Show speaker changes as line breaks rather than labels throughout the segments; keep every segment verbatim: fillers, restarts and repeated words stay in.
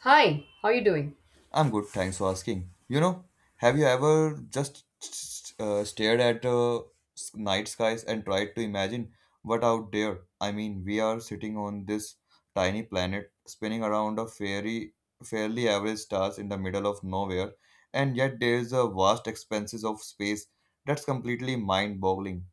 Hi, how are you doing?
I'm good, thanks for asking. You know, have you ever just uh, stared at uh, s- night skies and tried to imagine what out there? I mean, we are sitting on this tiny planet, spinning around a fairy, fairly average stars in the middle of nowhere, and yet there's a vast expanses of space that's completely mind-boggling.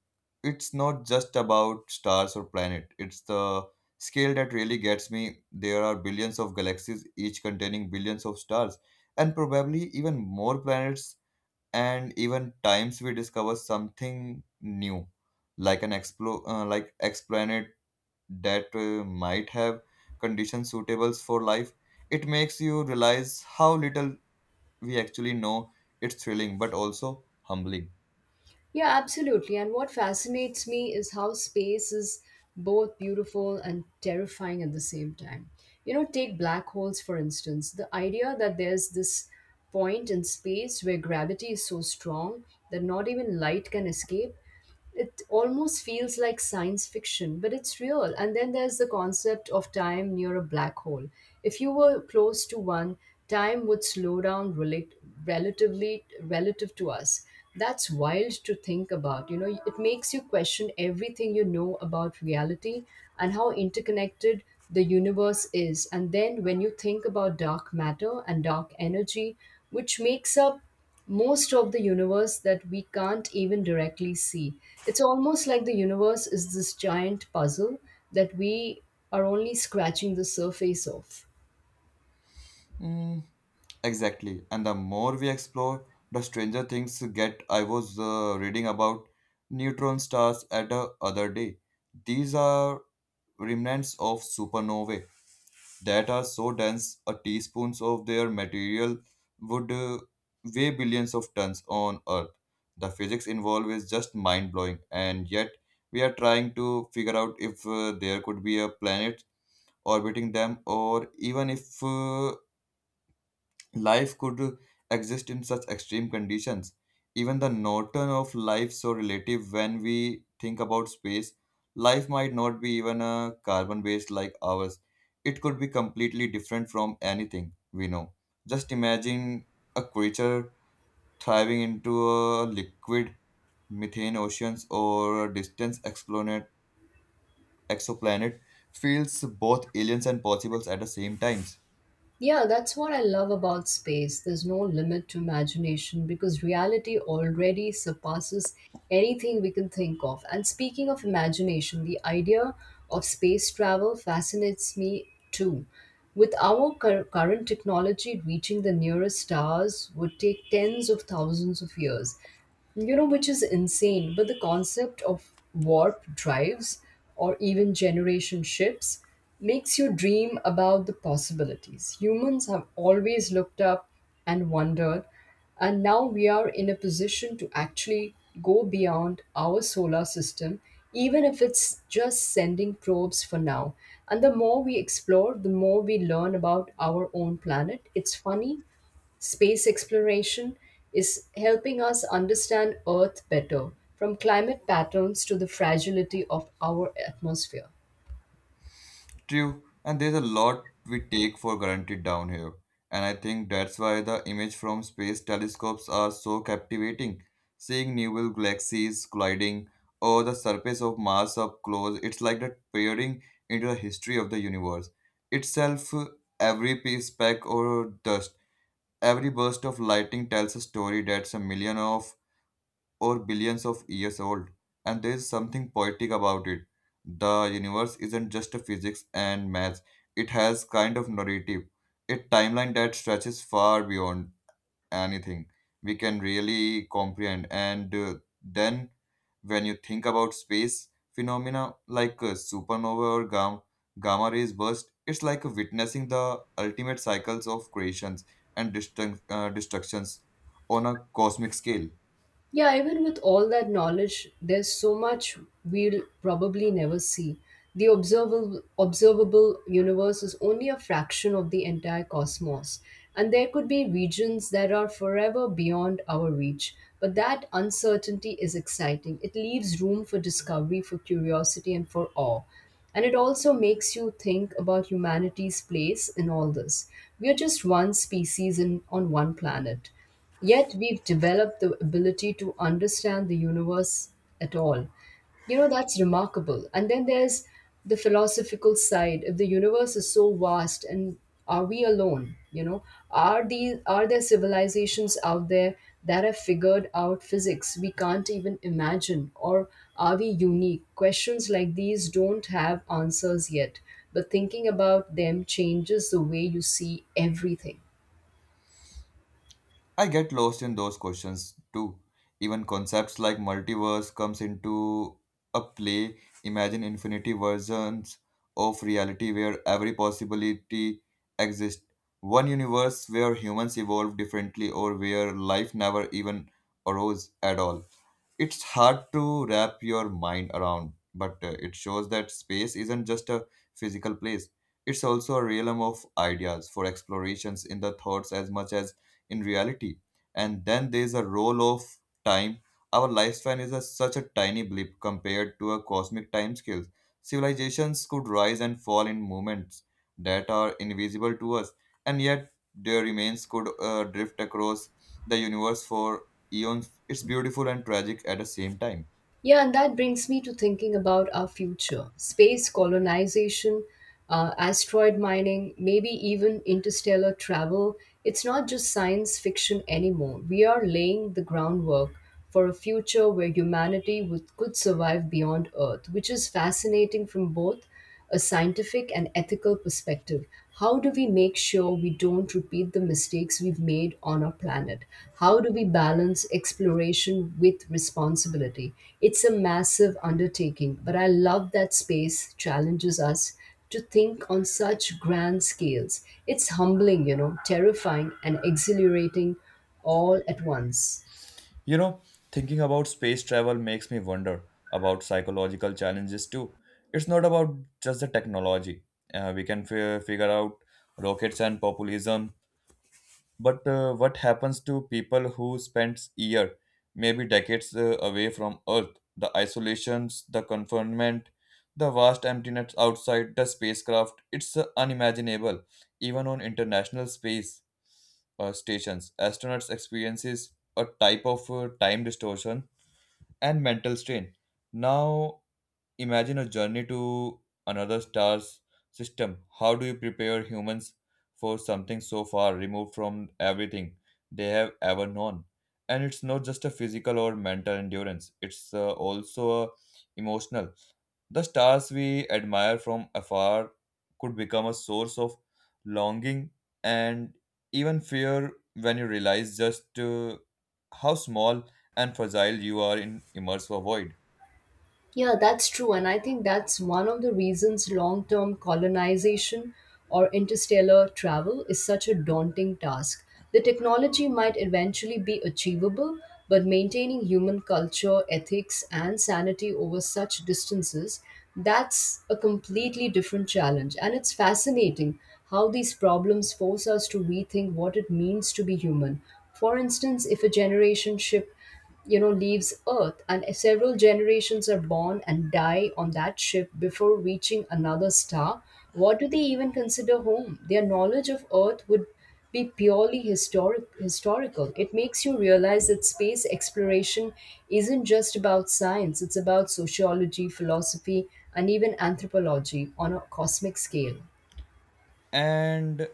It's not just about stars or planet; it's the scale that really gets me. There are billions of galaxies, each containing billions of stars and probably even more planets, and even times we discover something new like an explo- uh, like explanet that uh, might have conditions suitable for life. It makes you realize how little we actually know. It's thrilling but also humbling.
Yeah, absolutely. And what fascinates me is how space is both beautiful and terrifying at the same time. You know, take black holes for instance. The idea that there's this point in space where gravity is so strong that not even light can escape it almost feels like science fiction, but it's real. And then there's the concept of time near a black hole. If you were close to one, time would slow down relate, relatively relative to us. That's wild to think about. You know, it makes you question everything you know about reality and how interconnected the universe is. And then when you think about dark matter and dark energy, which makes up most of the universe that we can't even directly see. It's almost like the universe is this giant puzzle that we are only scratching the surface of.
Mm, exactly. And the more we explore, the stranger things get. I was uh, reading about neutron stars at the other day. These are remnants of supernovae that are so dense a teaspoon of their material would uh, weigh billions of tons on earth. The physics involved is just mind blowing, and yet we are trying to figure out if uh, there could be a planet orbiting them, or even if uh, Life could exist in such extreme conditions. Even the notion of life so relative when we think about space, life might not be even a carbon based like ours. It could be completely different from anything we know. Just imagine a creature thriving into a liquid methane oceans or a distant explanet- exoplanet feels both aliens and possibles at the same time.
Yeah, that's what I love about space. There's no limit to imagination because reality already surpasses anything we can think of. And speaking of imagination, the idea of space travel fascinates me too. With our cur- current technology, reaching the nearest stars would take tens of thousands of years, you know, which is insane. But the concept of warp drives or even generation ships makes you dream about the possibilities. Humans have always looked up and wondered, and now we are in a position to actually go beyond our solar system, even if it's just sending probes for now. And the more we explore, the more we learn about our own planet. It's funny. Space exploration is helping us understand Earth better, from climate patterns to the fragility of our atmosphere.
True, and there's a lot we take for granted down here. And I think that's why the image from space telescopes are so captivating. Seeing new galaxies colliding or the surface of Mars up close, it's like that peering into the history of the universe. Itself, every piece, speck or dust, every burst of lighting tells a story that's a million of or billions of years old, and there is something poetic about it. The universe isn't just a physics and maths, it has kind of narrative, a timeline that stretches far beyond anything we can really comprehend. And uh, then when you think about space phenomena like a supernova or gam- gamma rays burst, it's like witnessing the ultimate cycles of creations and destruct- uh, destructions on a cosmic scale.
Yeah, even with all that knowledge, there's so much we'll probably never see. The observable, observable universe is only a fraction of the entire cosmos, and there could be regions that are forever beyond our reach. But that uncertainty is exciting. It leaves room for discovery, for curiosity, and for awe. And it also makes you think about humanity's place in all this. We are just one species in, on one planet, yet we've developed the ability to understand the universe at all. You know, that's remarkable. And then there's the philosophical side. If the universe is so vast, and are we alone? You know, are these are there civilizations out there that have figured out physics we can't even imagine? Or are we unique? Questions like these don't have answers yet, but thinking about them changes the way you see everything.
I get lost in those questions too. Even concepts like multiverse comes into a play. Imagine infinity versions of reality where every possibility exists. One universe where humans evolve differently or where life never even arose at all. It's hard to wrap your mind around, but uh, it shows that space isn't just a physical place. It's also a realm of ideas for explorations in the thoughts as much as in reality. And then there's a role of time. Our lifespan is a, such a tiny blip compared to a cosmic timescale. Civilizations could rise and fall in moments that are invisible to us, and yet their remains could uh, drift across the universe for eons. It's beautiful and tragic at the same time.
Yeah, and that brings me to thinking about our future space colonization, uh, asteroid mining, maybe even interstellar travel. It's not just science fiction anymore. We are laying the groundwork for a future where humanity would, could survive beyond Earth, which is fascinating from both a scientific and ethical perspective. How do we make sure we don't repeat the mistakes we've made on our planet? How do we balance exploration with responsibility? It's a massive undertaking, but I love that space challenges us to think on such grand scales. It's humbling, you know, terrifying and exhilarating all at once.
You know, thinking about space travel makes me wonder about psychological challenges too. It's not about just the technology. Uh, we can fi- figure out rockets and populism. But uh, what happens to people who spends year, maybe decades uh, away from Earth? The isolations, the confinement, the vast emptiness outside the spacecraft, it's uh, unimaginable. Even on international space uh, stations, astronauts experiences a type of uh, time distortion and mental strain. Now imagine a journey to another star's system. How do you prepare humans for something so far removed from everything they have ever known? And it's not just a physical or mental endurance, it's uh, also uh, emotional. The stars we admire from afar could become a source of longing and even fear when you realize just uh, how small and fragile you are in immersed void.
Yeah, that's true. And I think that's one of the reasons long term colonization or interstellar travel is such a daunting task. The technology might eventually be achievable, but maintaining human culture, ethics, and sanity over such distances, that's a completely different challenge. And it's fascinating how these problems force us to rethink what it means to be human. For instance, if a generation ship, you know, leaves earth and several generations are born and die on that ship before reaching another star, what do they even consider home? Their knowledge of earth would be purely historic historical. It makes you realize that space exploration isn't just about science, it's about sociology, philosophy, and even anthropology on a cosmic scale.
And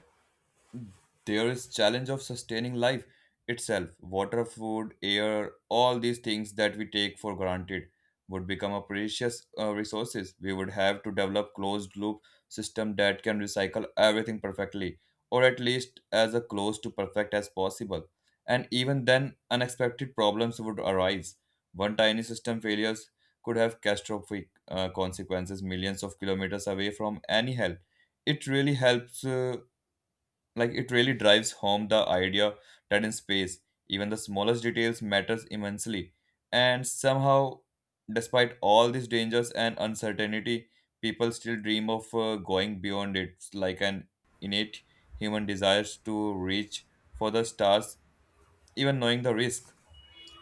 there is challenge of sustaining life itself, water food air, all these things that we take for granted would become a precious uh, resources. We would have to develop closed loop system that can recycle everything perfectly, or at least as a close to perfect as possible. And even then unexpected problems would arise. One tiny system failures could have catastrophic uh, consequences millions of kilometers away from any help. It really helps uh, like it really drives home the idea that in space even the smallest details matters immensely. And somehow, despite all these dangers and uncertainty, people still dream of uh, going beyond it. It's like an innate human desires to reach for the stars even knowing the risk.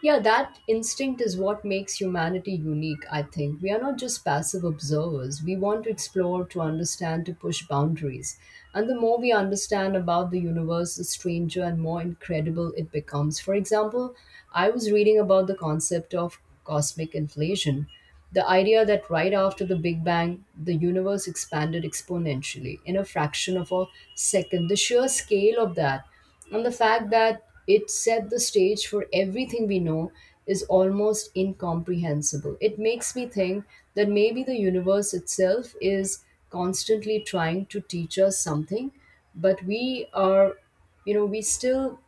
Yeah, that instinct is what makes humanity unique, I think. We are not just passive observers. We want to explore, to understand, to push boundaries. And the more we understand about the universe, the stranger and more incredible it becomes. For example, I was reading about the concept of cosmic inflation. The idea that right after the Big Bang, the universe expanded exponentially in a fraction of a second. The sheer scale of that and the fact that it set the stage for everything we know is almost incomprehensible. It makes me think that maybe the universe itself is constantly trying to teach us something, but we are, you know, we still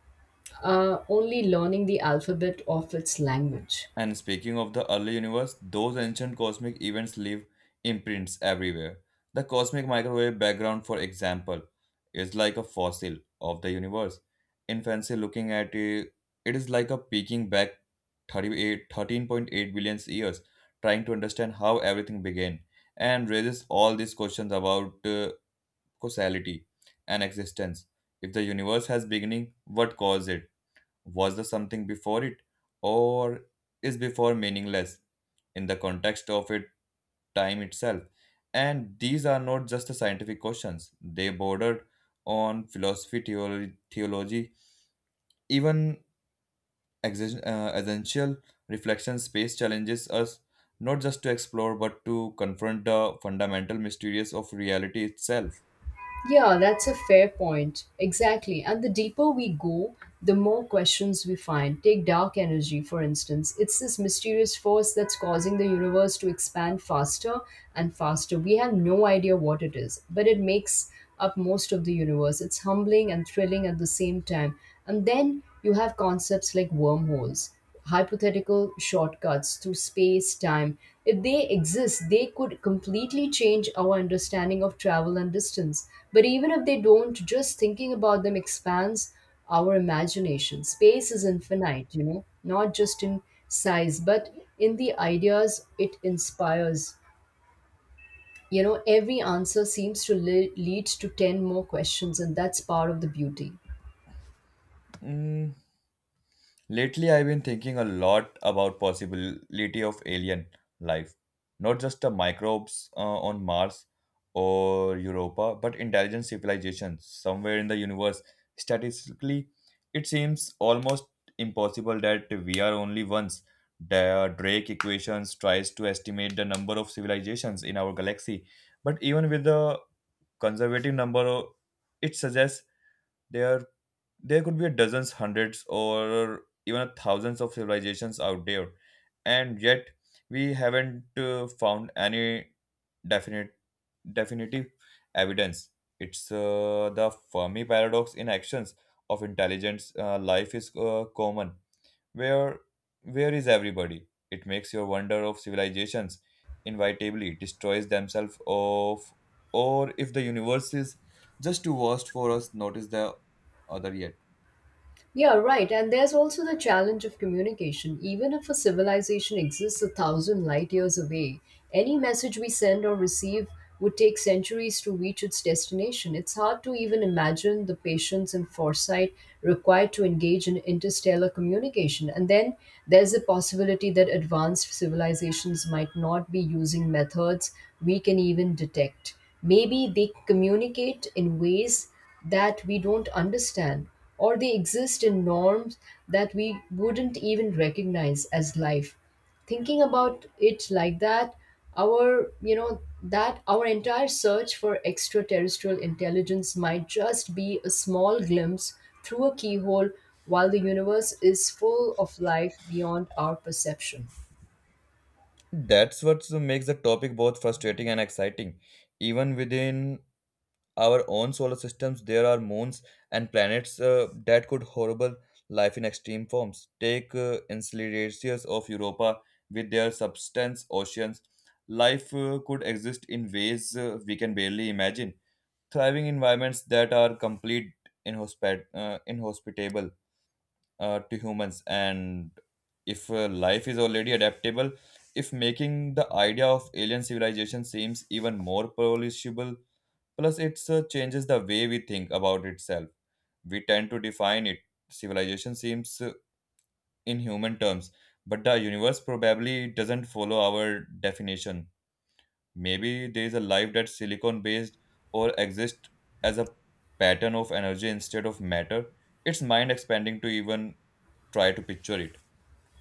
are only learning the alphabet of its language.
And speaking of the early universe, those ancient cosmic events leave imprints everywhere. The cosmic microwave background, for example, is like a fossil of the universe. In fancy looking at it, it is like a peeking back thirty-eight thirteen point eight billion years, trying to understand how everything began, and raises all these questions about uh, causality and existence. If the universe has beginning, what caused it? Was the something before it, or is before meaningless in the context of it, time itself? And these are not just the scientific questions; they bordered on philosophy, theolo- theology, even exist- uh, essential reflection. Space challenges us not just to explore, but to confront the fundamental mysteries of reality itself.
Yeah, that's a fair point. Exactly. And the deeper we go, the more questions we find. Take dark energy, for instance. It's this mysterious force that's causing the universe to expand faster and faster. We have no idea what it is, but it makes up most of the universe. It's humbling and thrilling at the same time. And then you have concepts like wormholes, hypothetical shortcuts through space time. If they exist, they could completely change our understanding of travel and distance, but even if they don't, just thinking about them expands our imagination. Space is infinite, you know, not just in size but in the ideas it inspires. You know, every answer seems to le- lead to ten more questions, and that's part of the beauty.
Mm, Lately, I've been thinking a lot about possibility of alien life, not just the microbes uh, on Mars or Europa, but intelligent civilizations somewhere in the universe. Statistically, it seems almost impossible that we are only ones. The Drake equations tries to estimate the number of civilizations in our galaxy, but even with the conservative number, it suggests there there could be a dozens hundreds or even a thousands of civilizations out there, and yet we haven't uh, found any definite definitive evidence. It's uh, the fermi paradox in actions of intelligence uh, life is uh, common. Where where is everybody? It makes your wonder of civilizations inevitably destroys themselves of, or if the universe is just too vast for us notice the other yet.
Yeah, right. And there's also the challenge of communication. Even if a civilization exists a thousand light years away, any message we send or receive would take centuries to reach its destination. It's hard to even imagine the patience and foresight required to engage in interstellar communication. And then there's the possibility that advanced civilizations might not be using methods we can even detect. Maybe they communicate in ways that we don't understand, or they exist in norms that we wouldn't even recognize as life. Thinking about it like that, our you know that our entire search for extraterrestrial intelligence might just be a small glimpse through a keyhole while the universe is full of life beyond our perception.
That's what makes the topic both frustrating and exciting. Even within our own solar systems there are moons and planets uh, that could horrible life in extreme forms. Take uh, insulators of europa with their substance oceans, life uh, could exist in ways uh, we can barely imagine, thriving environments that are complete inhospit- uh, inhospitable uh, to humans. And if uh, life is already adaptable, if making the idea of alien civilization seems even more plausible. Plus, it uh, changes the way we think about itself. We tend to define it. Civilization seems uh, in human terms, but the universe probably doesn't follow our definition. Maybe there is a life that's silicon based or exists as a pattern of energy instead of matter. It's mind expanding to even try to picture it.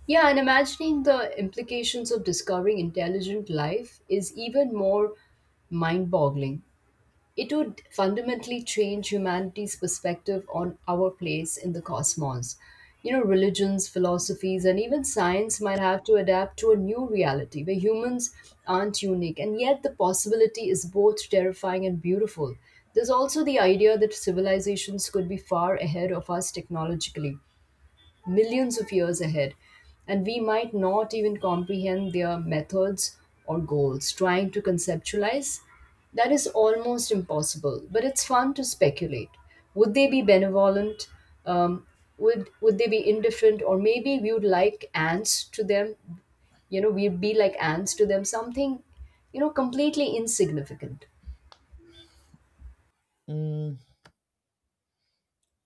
Yeah, and imagining the implications of discovering intelligent life is even more mind boggling. It would fundamentally change humanity's perspective on our place in the cosmos. You know, religions, philosophies, and even science might have to adapt to a new reality where humans aren't unique, and yet the possibility is both terrifying and beautiful. There's also the idea that civilizations could be far ahead of us technologically, millions of years ahead, and we might not even comprehend their methods or goals. Trying to conceptualize that is almost impossible, but it's fun to speculate. Would they be benevolent? Um, would would they be indifferent? Or maybe we would like ants to them. You know, we'd be like ants to them. Something, you know, completely insignificant.
Mm,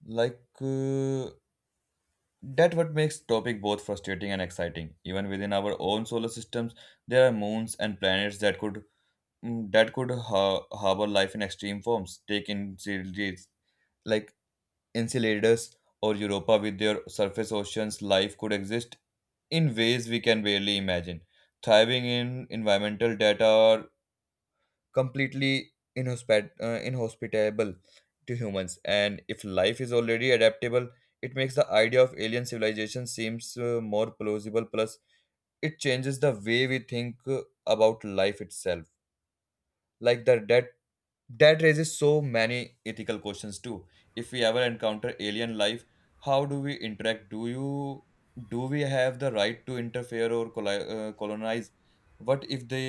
like uh, that what makes topic both frustrating and exciting. Even within our own solar systems there are moons and planets that could mm, that could har- harbor life in extreme forms. Take insulators like insulators or Europa with their surface oceans, life could exist in ways we can barely imagine, thriving in environmental that are completely inhospit- uh, inhospitable to humans. And if life is already adaptable, it makes the idea of alien civilization seems uh, more plausible. Plus, it changes the way we think uh, about life itself. Like the that That raises so many ethical questions too. If we ever encounter alien life, how do we interact? Do you do we have the right to interfere or coli- uh, colonize? What if the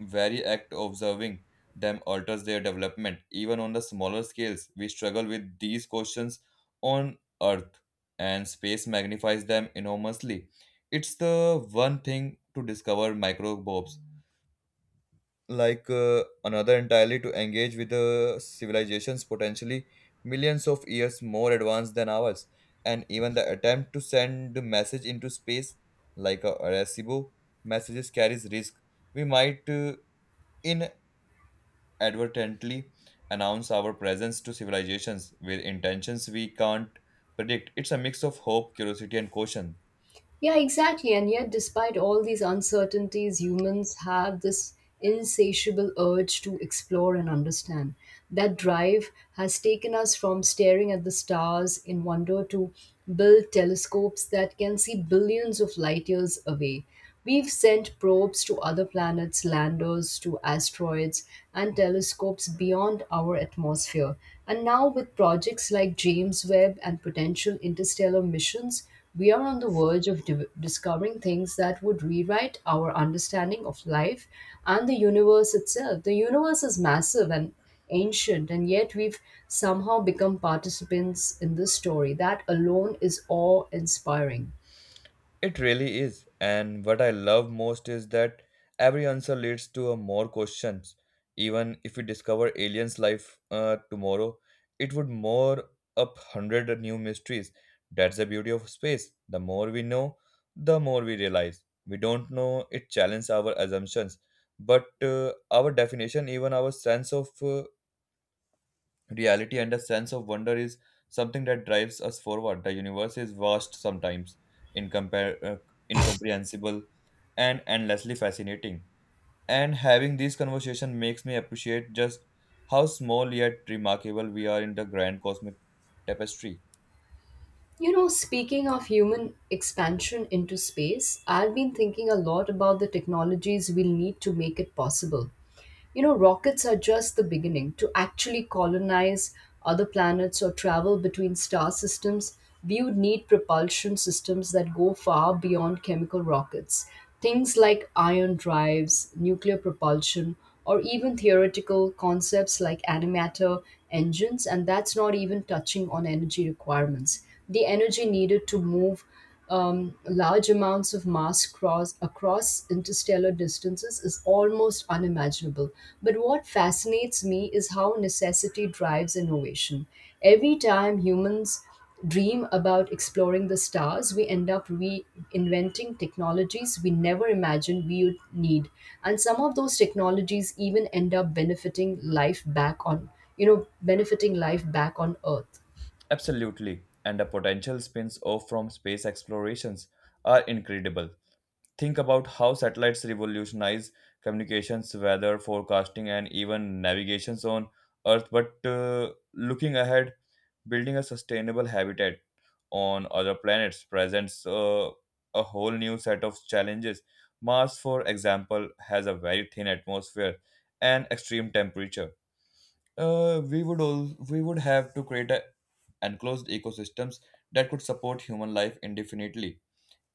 very act of observing them alters their development, even on the smaller scales? We struggle with these questions on Earth, and space magnifies them enormously. It's the one thing to discover microbes, like uh, another entirely to engage with the civilizations potentially millions of years more advanced than ours. And even the attempt to send the message into space like a arecibo messages carries risk. We might uh, inadvertently announce our presence to civilizations with intentions we can't predict. It's a mix of hope curiosity and caution.
Yeah, exactly. And yet, despite all these uncertainties, humans have this insatiable urge to explore and understand. That drive has taken us from staring at the stars in wonder to build telescopes that can see billions of light years away. We've sent probes to other planets, landers to asteroids, and telescopes beyond our atmosphere. And now, with projects like James Webb and potential interstellar missions, we are on the verge of div discovering things that would rewrite our understanding of life and the universe itself. The universe is massive and ancient, and yet we've somehow become participants in this story. That alone is awe inspiring.
It really is. And what I love most is that every answer leads to a more questions. Even if we discover aliens' life uh, tomorrow, it would more up hundred new mysteries. That's the beauty of space. The more we know, the more we realize. We don't know, it challenges our assumptions. But uh, Our definition, even our sense of uh, reality and a sense of wonder is something that drives us forward. The universe is vast sometimes, incompar- uh, incomprehensible, and endlessly fascinating. And having this conversation makes me appreciate just how small yet remarkable we are in the grand cosmic tapestry.
You know, speaking of human expansion into space, I've been thinking a lot about the technologies we'll need to make it possible. You know, rockets are just the beginning. To actually colonize other planets or travel between star systems, we would need propulsion systems that go far beyond chemical rockets. Things like ion drives, nuclear propulsion, or even theoretical concepts like animator engines, and that's not even touching on energy requirements, the energy needed to move um, large amounts of mass cross, across interstellar distances is almost unimaginable. But what fascinates me is how necessity drives innovation. Every time humans dream about exploring the stars, we end up reinventing technologies we never imagined we would need. And some of those technologies even end up benefiting life back on, you know, benefiting life back on Earth.
Absolutely. And the potential spins off from space explorations are incredible. Think about how satellites revolutionize communications, weather forecasting, and even navigations on Earth. But uh, Looking ahead, building a sustainable habitat on other planets presents uh, a whole new set of challenges. Mars, for example, has a very thin atmosphere and extreme temperature. Uh, we would all we would have to create a enclosed ecosystems that could support human life indefinitely,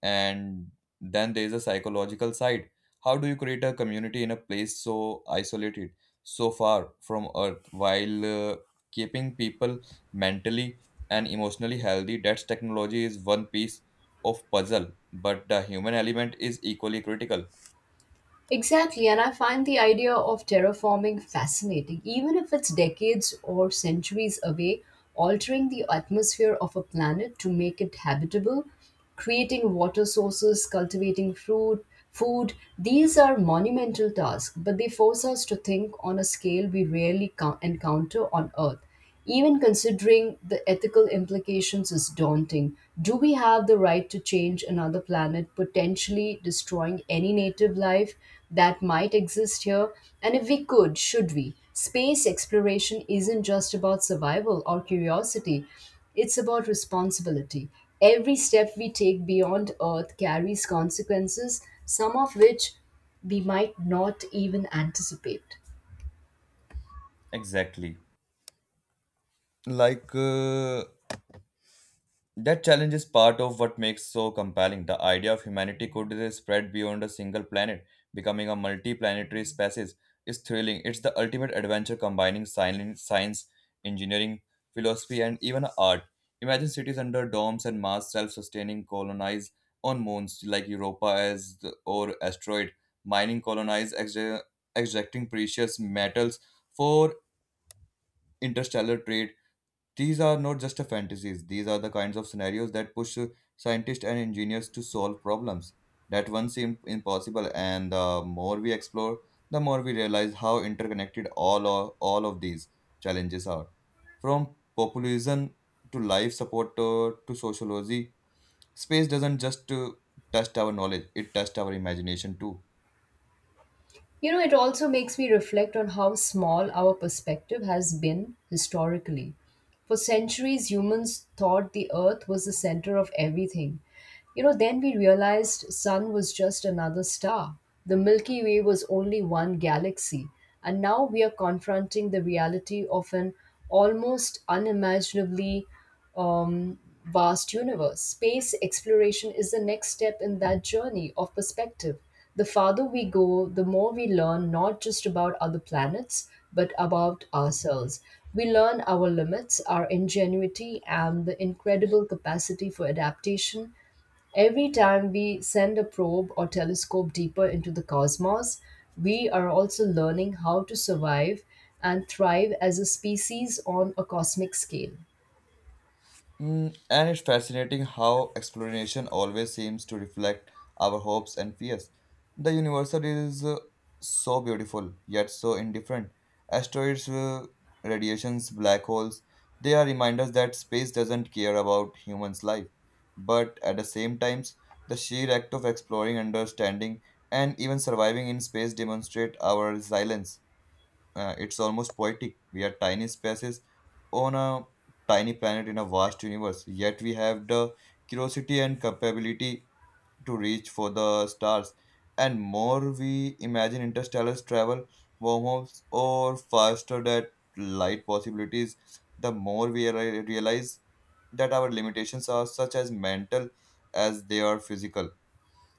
and then there is a psychological side. How do you create a community in a place so isolated, so far from Earth, while uh, keeping people mentally and emotionally healthy? That's technology is one piece of puzzle, but the human element is equally critical.
Exactly, and I find the idea of terraforming fascinating. Even if it's decades or centuries away, altering the atmosphere of a planet to make it habitable, creating water sources, cultivating fruit, food, these are monumental tasks, but they force us to think on a scale we rarely co- encounter on Earth. Even considering the ethical implications is daunting. Do we have the right to change another planet, potentially destroying any native life that might exist here? And if we could, should we? Space exploration isn't just about survival or curiosity, it's about responsibility. Every step we take beyond Earth carries consequences, some of which we might not even anticipate.
Exactly. like uh, That challenge is part of what makes so compelling. The idea of humanity could spread beyond a single planet, becoming a multi-planetary species, is thrilling. It's the ultimate adventure, combining science, science, engineering, philosophy, and even art. Imagine cities under domes and Mars self-sustaining colonize on moons like Europa as the, or asteroid, mining colonize, extra- extracting precious metals for interstellar trade. These are not just a fantasies, these are the kinds of scenarios that push scientists and engineers to solve problems that once seemed impossible. And the more we explore, the more we realize how interconnected all of, all of these challenges are. From populism to life support to, to sociology, space doesn't just uh, test our knowledge, it tests our imagination too.
You know, it also makes me reflect on how small our perspective has been historically. For centuries, humans thought the earth was the center of everything. You know, then we realized sun was just another star. The Milky Way was only one galaxy. And now we are confronting the reality of an almost unimaginably um, vast universe. Space exploration is the next step in that journey of perspective. The farther we go, the more we learn not just about other planets, but about ourselves. We learn our limits, our ingenuity, and the incredible capacity for adaptation. Every time we send a probe or telescope deeper into the cosmos, we are also learning how to survive and thrive as a species on a cosmic scale.
Mm, and it's fascinating how explanation always seems to reflect our hopes and fears. The universe is uh, so beautiful, yet so indifferent. Asteroids, uh, radiations, black holes, they are reminders that space doesn't care about humans' life. But at the same times, the sheer act of exploring, understanding, and even surviving in space demonstrate our resilience. Uh, it's almost poetic. We are tiny spaces on a tiny planet in a vast universe, yet we have the curiosity and capability to reach for the stars. And more we imagine interstellar travel, wormholes, or faster that light possibilities, the more we reali- realize that our limitations are such as mental as they are physical.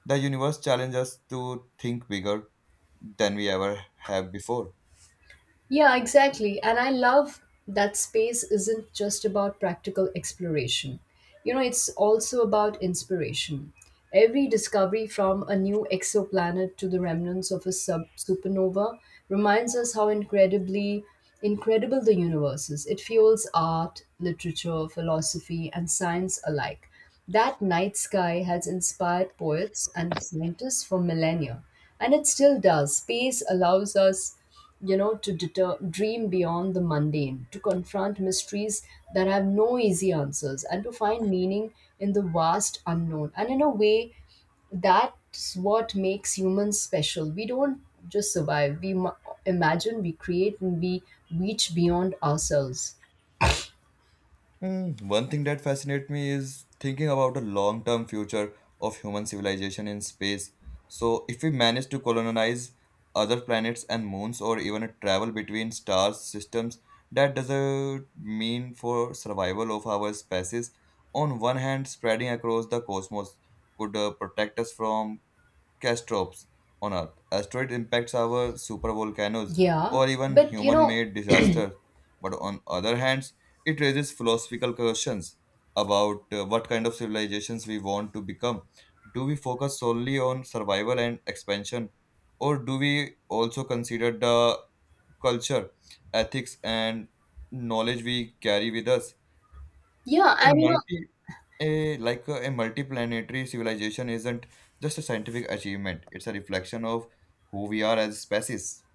The universe challenges us to think bigger than we ever have before.
Yeah, exactly. And I love that space isn't just about practical exploration. You know, it's also about inspiration. Every discovery from a new exoplanet to the remnants of a sub supernova reminds us how incredibly incredible the universe is. It fuels art, literature, philosophy, and science alike. That night sky has inspired poets and scientists for millennia, and it still does. Space allows us, you know, to deter, dream beyond the mundane, to confront mysteries that have no easy answers, and to find meaning in the vast unknown. And in a way, that's what makes humans special. We don't just survive, we mu- imagine, we create, and we reach beyond ourselves.
Hmm, One thing that fascinates me is thinking about the long term future of human civilization in space. So, if we manage to colonize other planets and moons, or even travel between stars systems, that doesn't mean for survival of our species. On one hand, spreading across the cosmos could uh, protect us from catastrophes on Earth. Asteroid impacts our supervolcanoes
Yeah,
or even
but you know,
human-made disasters. But on other hands, it raises philosophical questions about uh, what kind of civilizations we want to become. Do we focus solely on survival and expansion, or do we also consider the culture, ethics, and knowledge we carry with us?
yeah,
A
and you know,
multi a like a, a multiplanetary civilization isn't just a scientific achievement, it's a reflection of who we are as a species.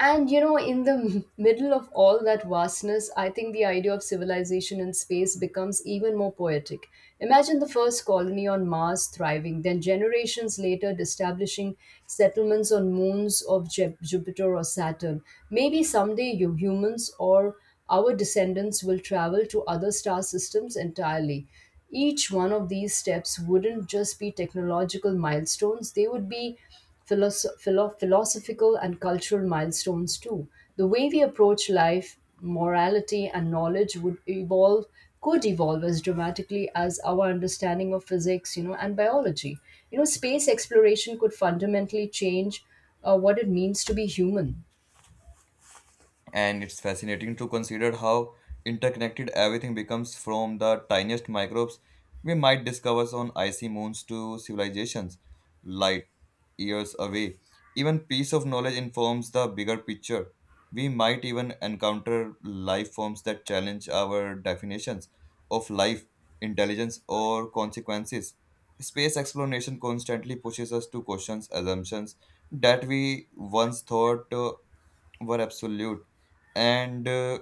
And you know, in the middle of all that vastness, I think the idea of civilization in space becomes even more poetic. Imagine the first colony on Mars thriving, then generations later establishing settlements on moons of Ju- Jupiter or Saturn. Maybe someday you humans or our descendants will travel to other star systems entirely. Each one of these steps wouldn't just be technological milestones, they would be philosoph- philo- philosophical and cultural milestones too. The way we approach life, morality, and knowledge would evolve, could evolve as dramatically as our understanding of physics, you know, and biology. You know, space exploration could fundamentally change uh, what it means to be human.
And it's fascinating to consider how interconnected everything becomes, from the tiniest microbes we might discover on icy moons to civilizations light years away. Even piece of knowledge informs the bigger picture. We might even encounter life forms that challenge our definitions of life, intelligence, or consequences. Space exploration constantly pushes us to questions assumptions that we once thought uh, were absolute, and uh,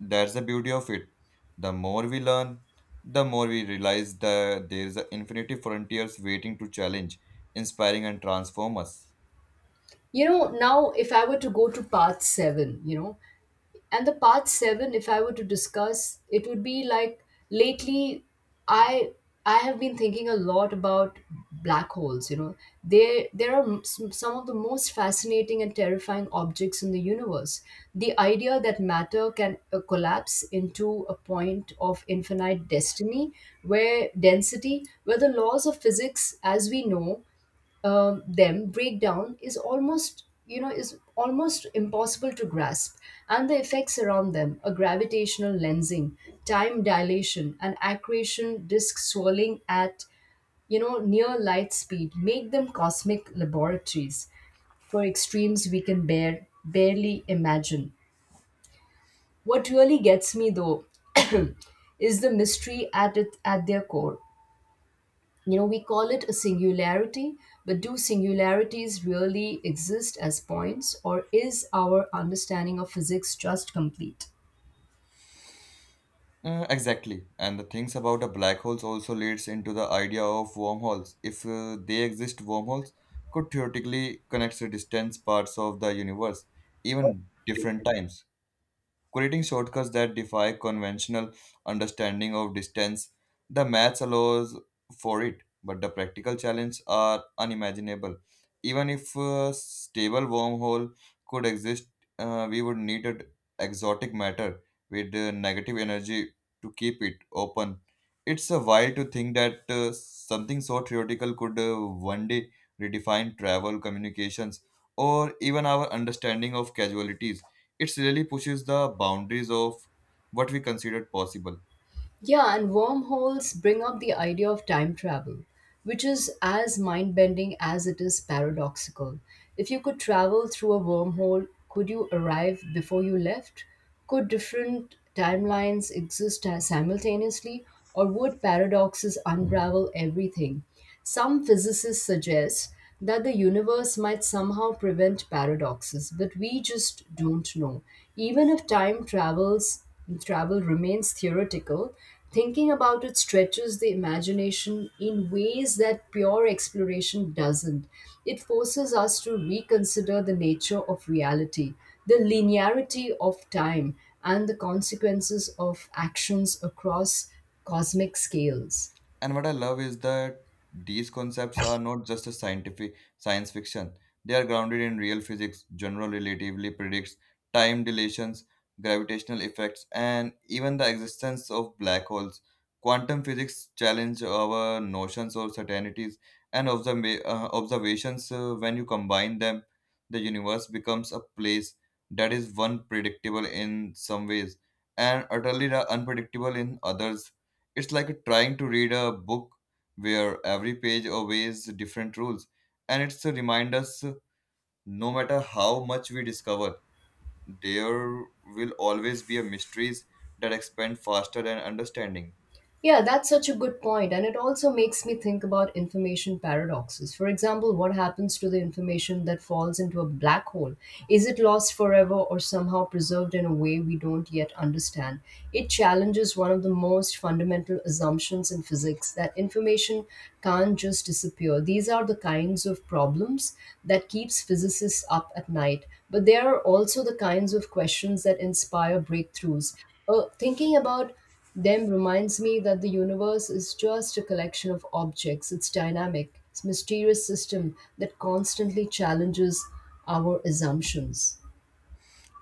that's the beauty of it. The more we learn, the more we realize that there's an infinity frontiers waiting to challenge, inspiring and transform us.
You know, now if I were to go to part seven, you know, and the part seven, if I were to discuss, it would be like lately I I have been thinking a lot about black holes. You know, they there are m- s- some of the most fascinating and terrifying objects in the universe. The idea that matter can uh, collapse into a point of infinite destiny, where density, where the laws of physics as we know um, them breakdown is almost you know is almost impossible to grasp. And the effects around them, a gravitational lensing, time dilation, and accretion disk swirling at you know near light speed make them cosmic laboratories for extremes we can bear barely imagine. What really gets me, though, is the mystery at it at their core. You know, we call it a singularity, but do singularities really exist as points, or is our understanding of physics just complete?
Uh, exactly, and the things about the black holes also leads into the idea of wormholes. If uh, they exist, wormholes could theoretically connect to distant parts of the universe, even different times, creating shortcuts that defy conventional understanding of distance. The maths allows for it, but the practical challenges are unimaginable. Even if a stable wormhole could exist, uh, we would need an exotic matter with uh, negative energy to keep it open. It's a wild to think that uh, something so theoretical could uh, one day redefine travel, communications, or even our understanding of casualties. It really pushes the boundaries of what we considered possible.
Yeah, and wormholes bring up the idea of time travel, which is as mind bending as it is paradoxical. If you could travel through a wormhole, could you arrive before you left? Could different timelines exist as- simultaneously, or would paradoxes unravel everything? Some physicists suggest that the universe might somehow prevent paradoxes, but we just don't know. Even if time travels travel remains theoretical, thinking about it stretches the imagination in ways that pure exploration doesn't. It forces us to reconsider the nature of reality, the linearity of time, and the consequences of actions across cosmic scales.
And what I love is that these concepts are not just a scientific science fiction. They are grounded in real physics. General relativity predicts time dilations, gravitational effects, and even the existence of black holes. Quantum physics challenge our notions of certainties and observa- uh, observations. Uh, when you combine them, the universe becomes a place that is one predictable in some ways and utterly unpredictable in others. It's like trying to read a book where every page obeys different rules, and it's a reminder us no matter how much we discover, there will always be a mysteries that expand faster than understanding.
Yeah, that's such a good point, and it also makes me think about information paradoxes. For example, what happens to the information that falls into a black hole? Is it lost forever or somehow preserved in a way we don't yet understand? It challenges one of the most fundamental assumptions in physics, that information can't just disappear. These are the kinds of problems that keeps physicists up at night, but they are also the kinds of questions that inspire breakthroughs. Uh, thinking about them reminds me that the universe is just a collection of objects. It's dynamic, it's a mysterious system that constantly challenges our assumptions.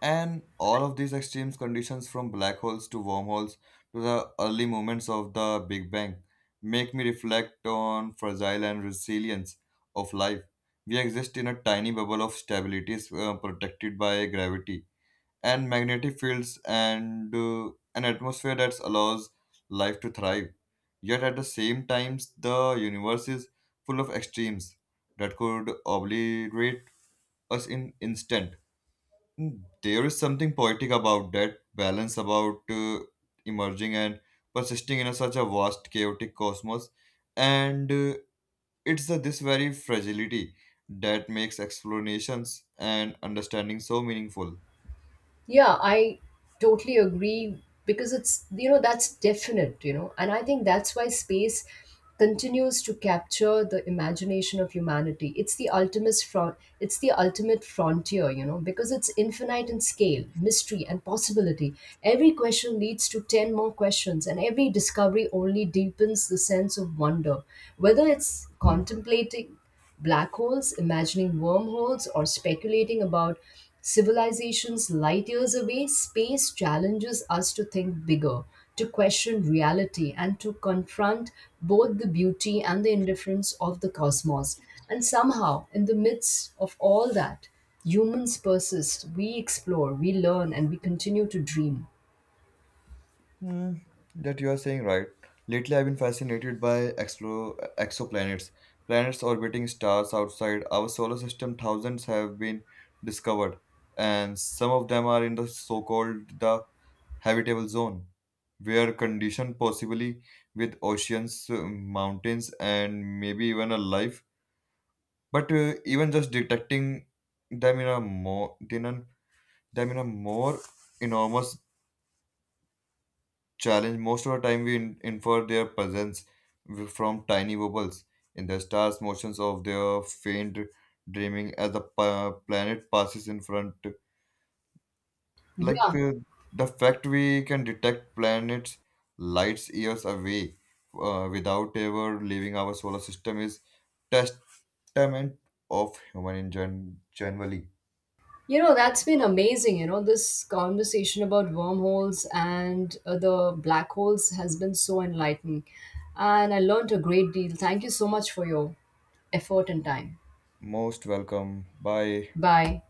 And all of these extreme conditions, from black holes to wormholes to the early moments of the Big Bang, make me reflect on fragile and resilience of life. We exist in a tiny bubble of stabilities uh, protected by gravity and magnetic fields and uh, an atmosphere that allows life to thrive. Yet at the same time, the universe is full of extremes that could obliterate us in instant. There is something poetic about that balance, about uh, emerging and persisting in a, such a vast chaotic cosmos, and uh, it's the, this very fragility that makes explanations and understanding so meaningful.
Yeah, I totally agree because it's, you know, that's definite, you know, and I think that's why space continues to capture the imagination of humanity. It's the ultimate front, it's the ultimate frontier, you know, because it's infinite in scale, mystery, and possibility. Every question leads to ten more questions, and every discovery only deepens the sense of wonder. Whether it's contemplating black holes, imagining wormholes, or speculating about civilizations light years away, space challenges us to think bigger, to question reality, and to confront both the beauty and the indifference of the cosmos. And somehow, in the midst of all that, humans persist, we explore, we learn, and we continue to dream.
Mm, that you are saying right. Lately, I've been fascinated by exo exoplanets, planets orbiting stars outside our solar system. Thousands have been discovered, and some of them are in the so-called the habitable zone, where condition possibly with oceans, uh, mountains, and maybe even a life. But uh, even just detecting them in a more them in a more enormous challenge. Most of the time, we in- infer their presence w- from tiny bubbles in the stars, motions of their faint dreaming as the pa- planet passes in front. Like
Yeah,
uh, the fact we can detect planets lights years away uh, without ever leaving our solar system is testament of human in gen- generally.
You know, that's been amazing. You know, this conversation about wormholes and uh, the black holes has been so enlightening. And I learned a great deal. Thank you so much for your effort and time.
Most welcome. Bye.
Bye.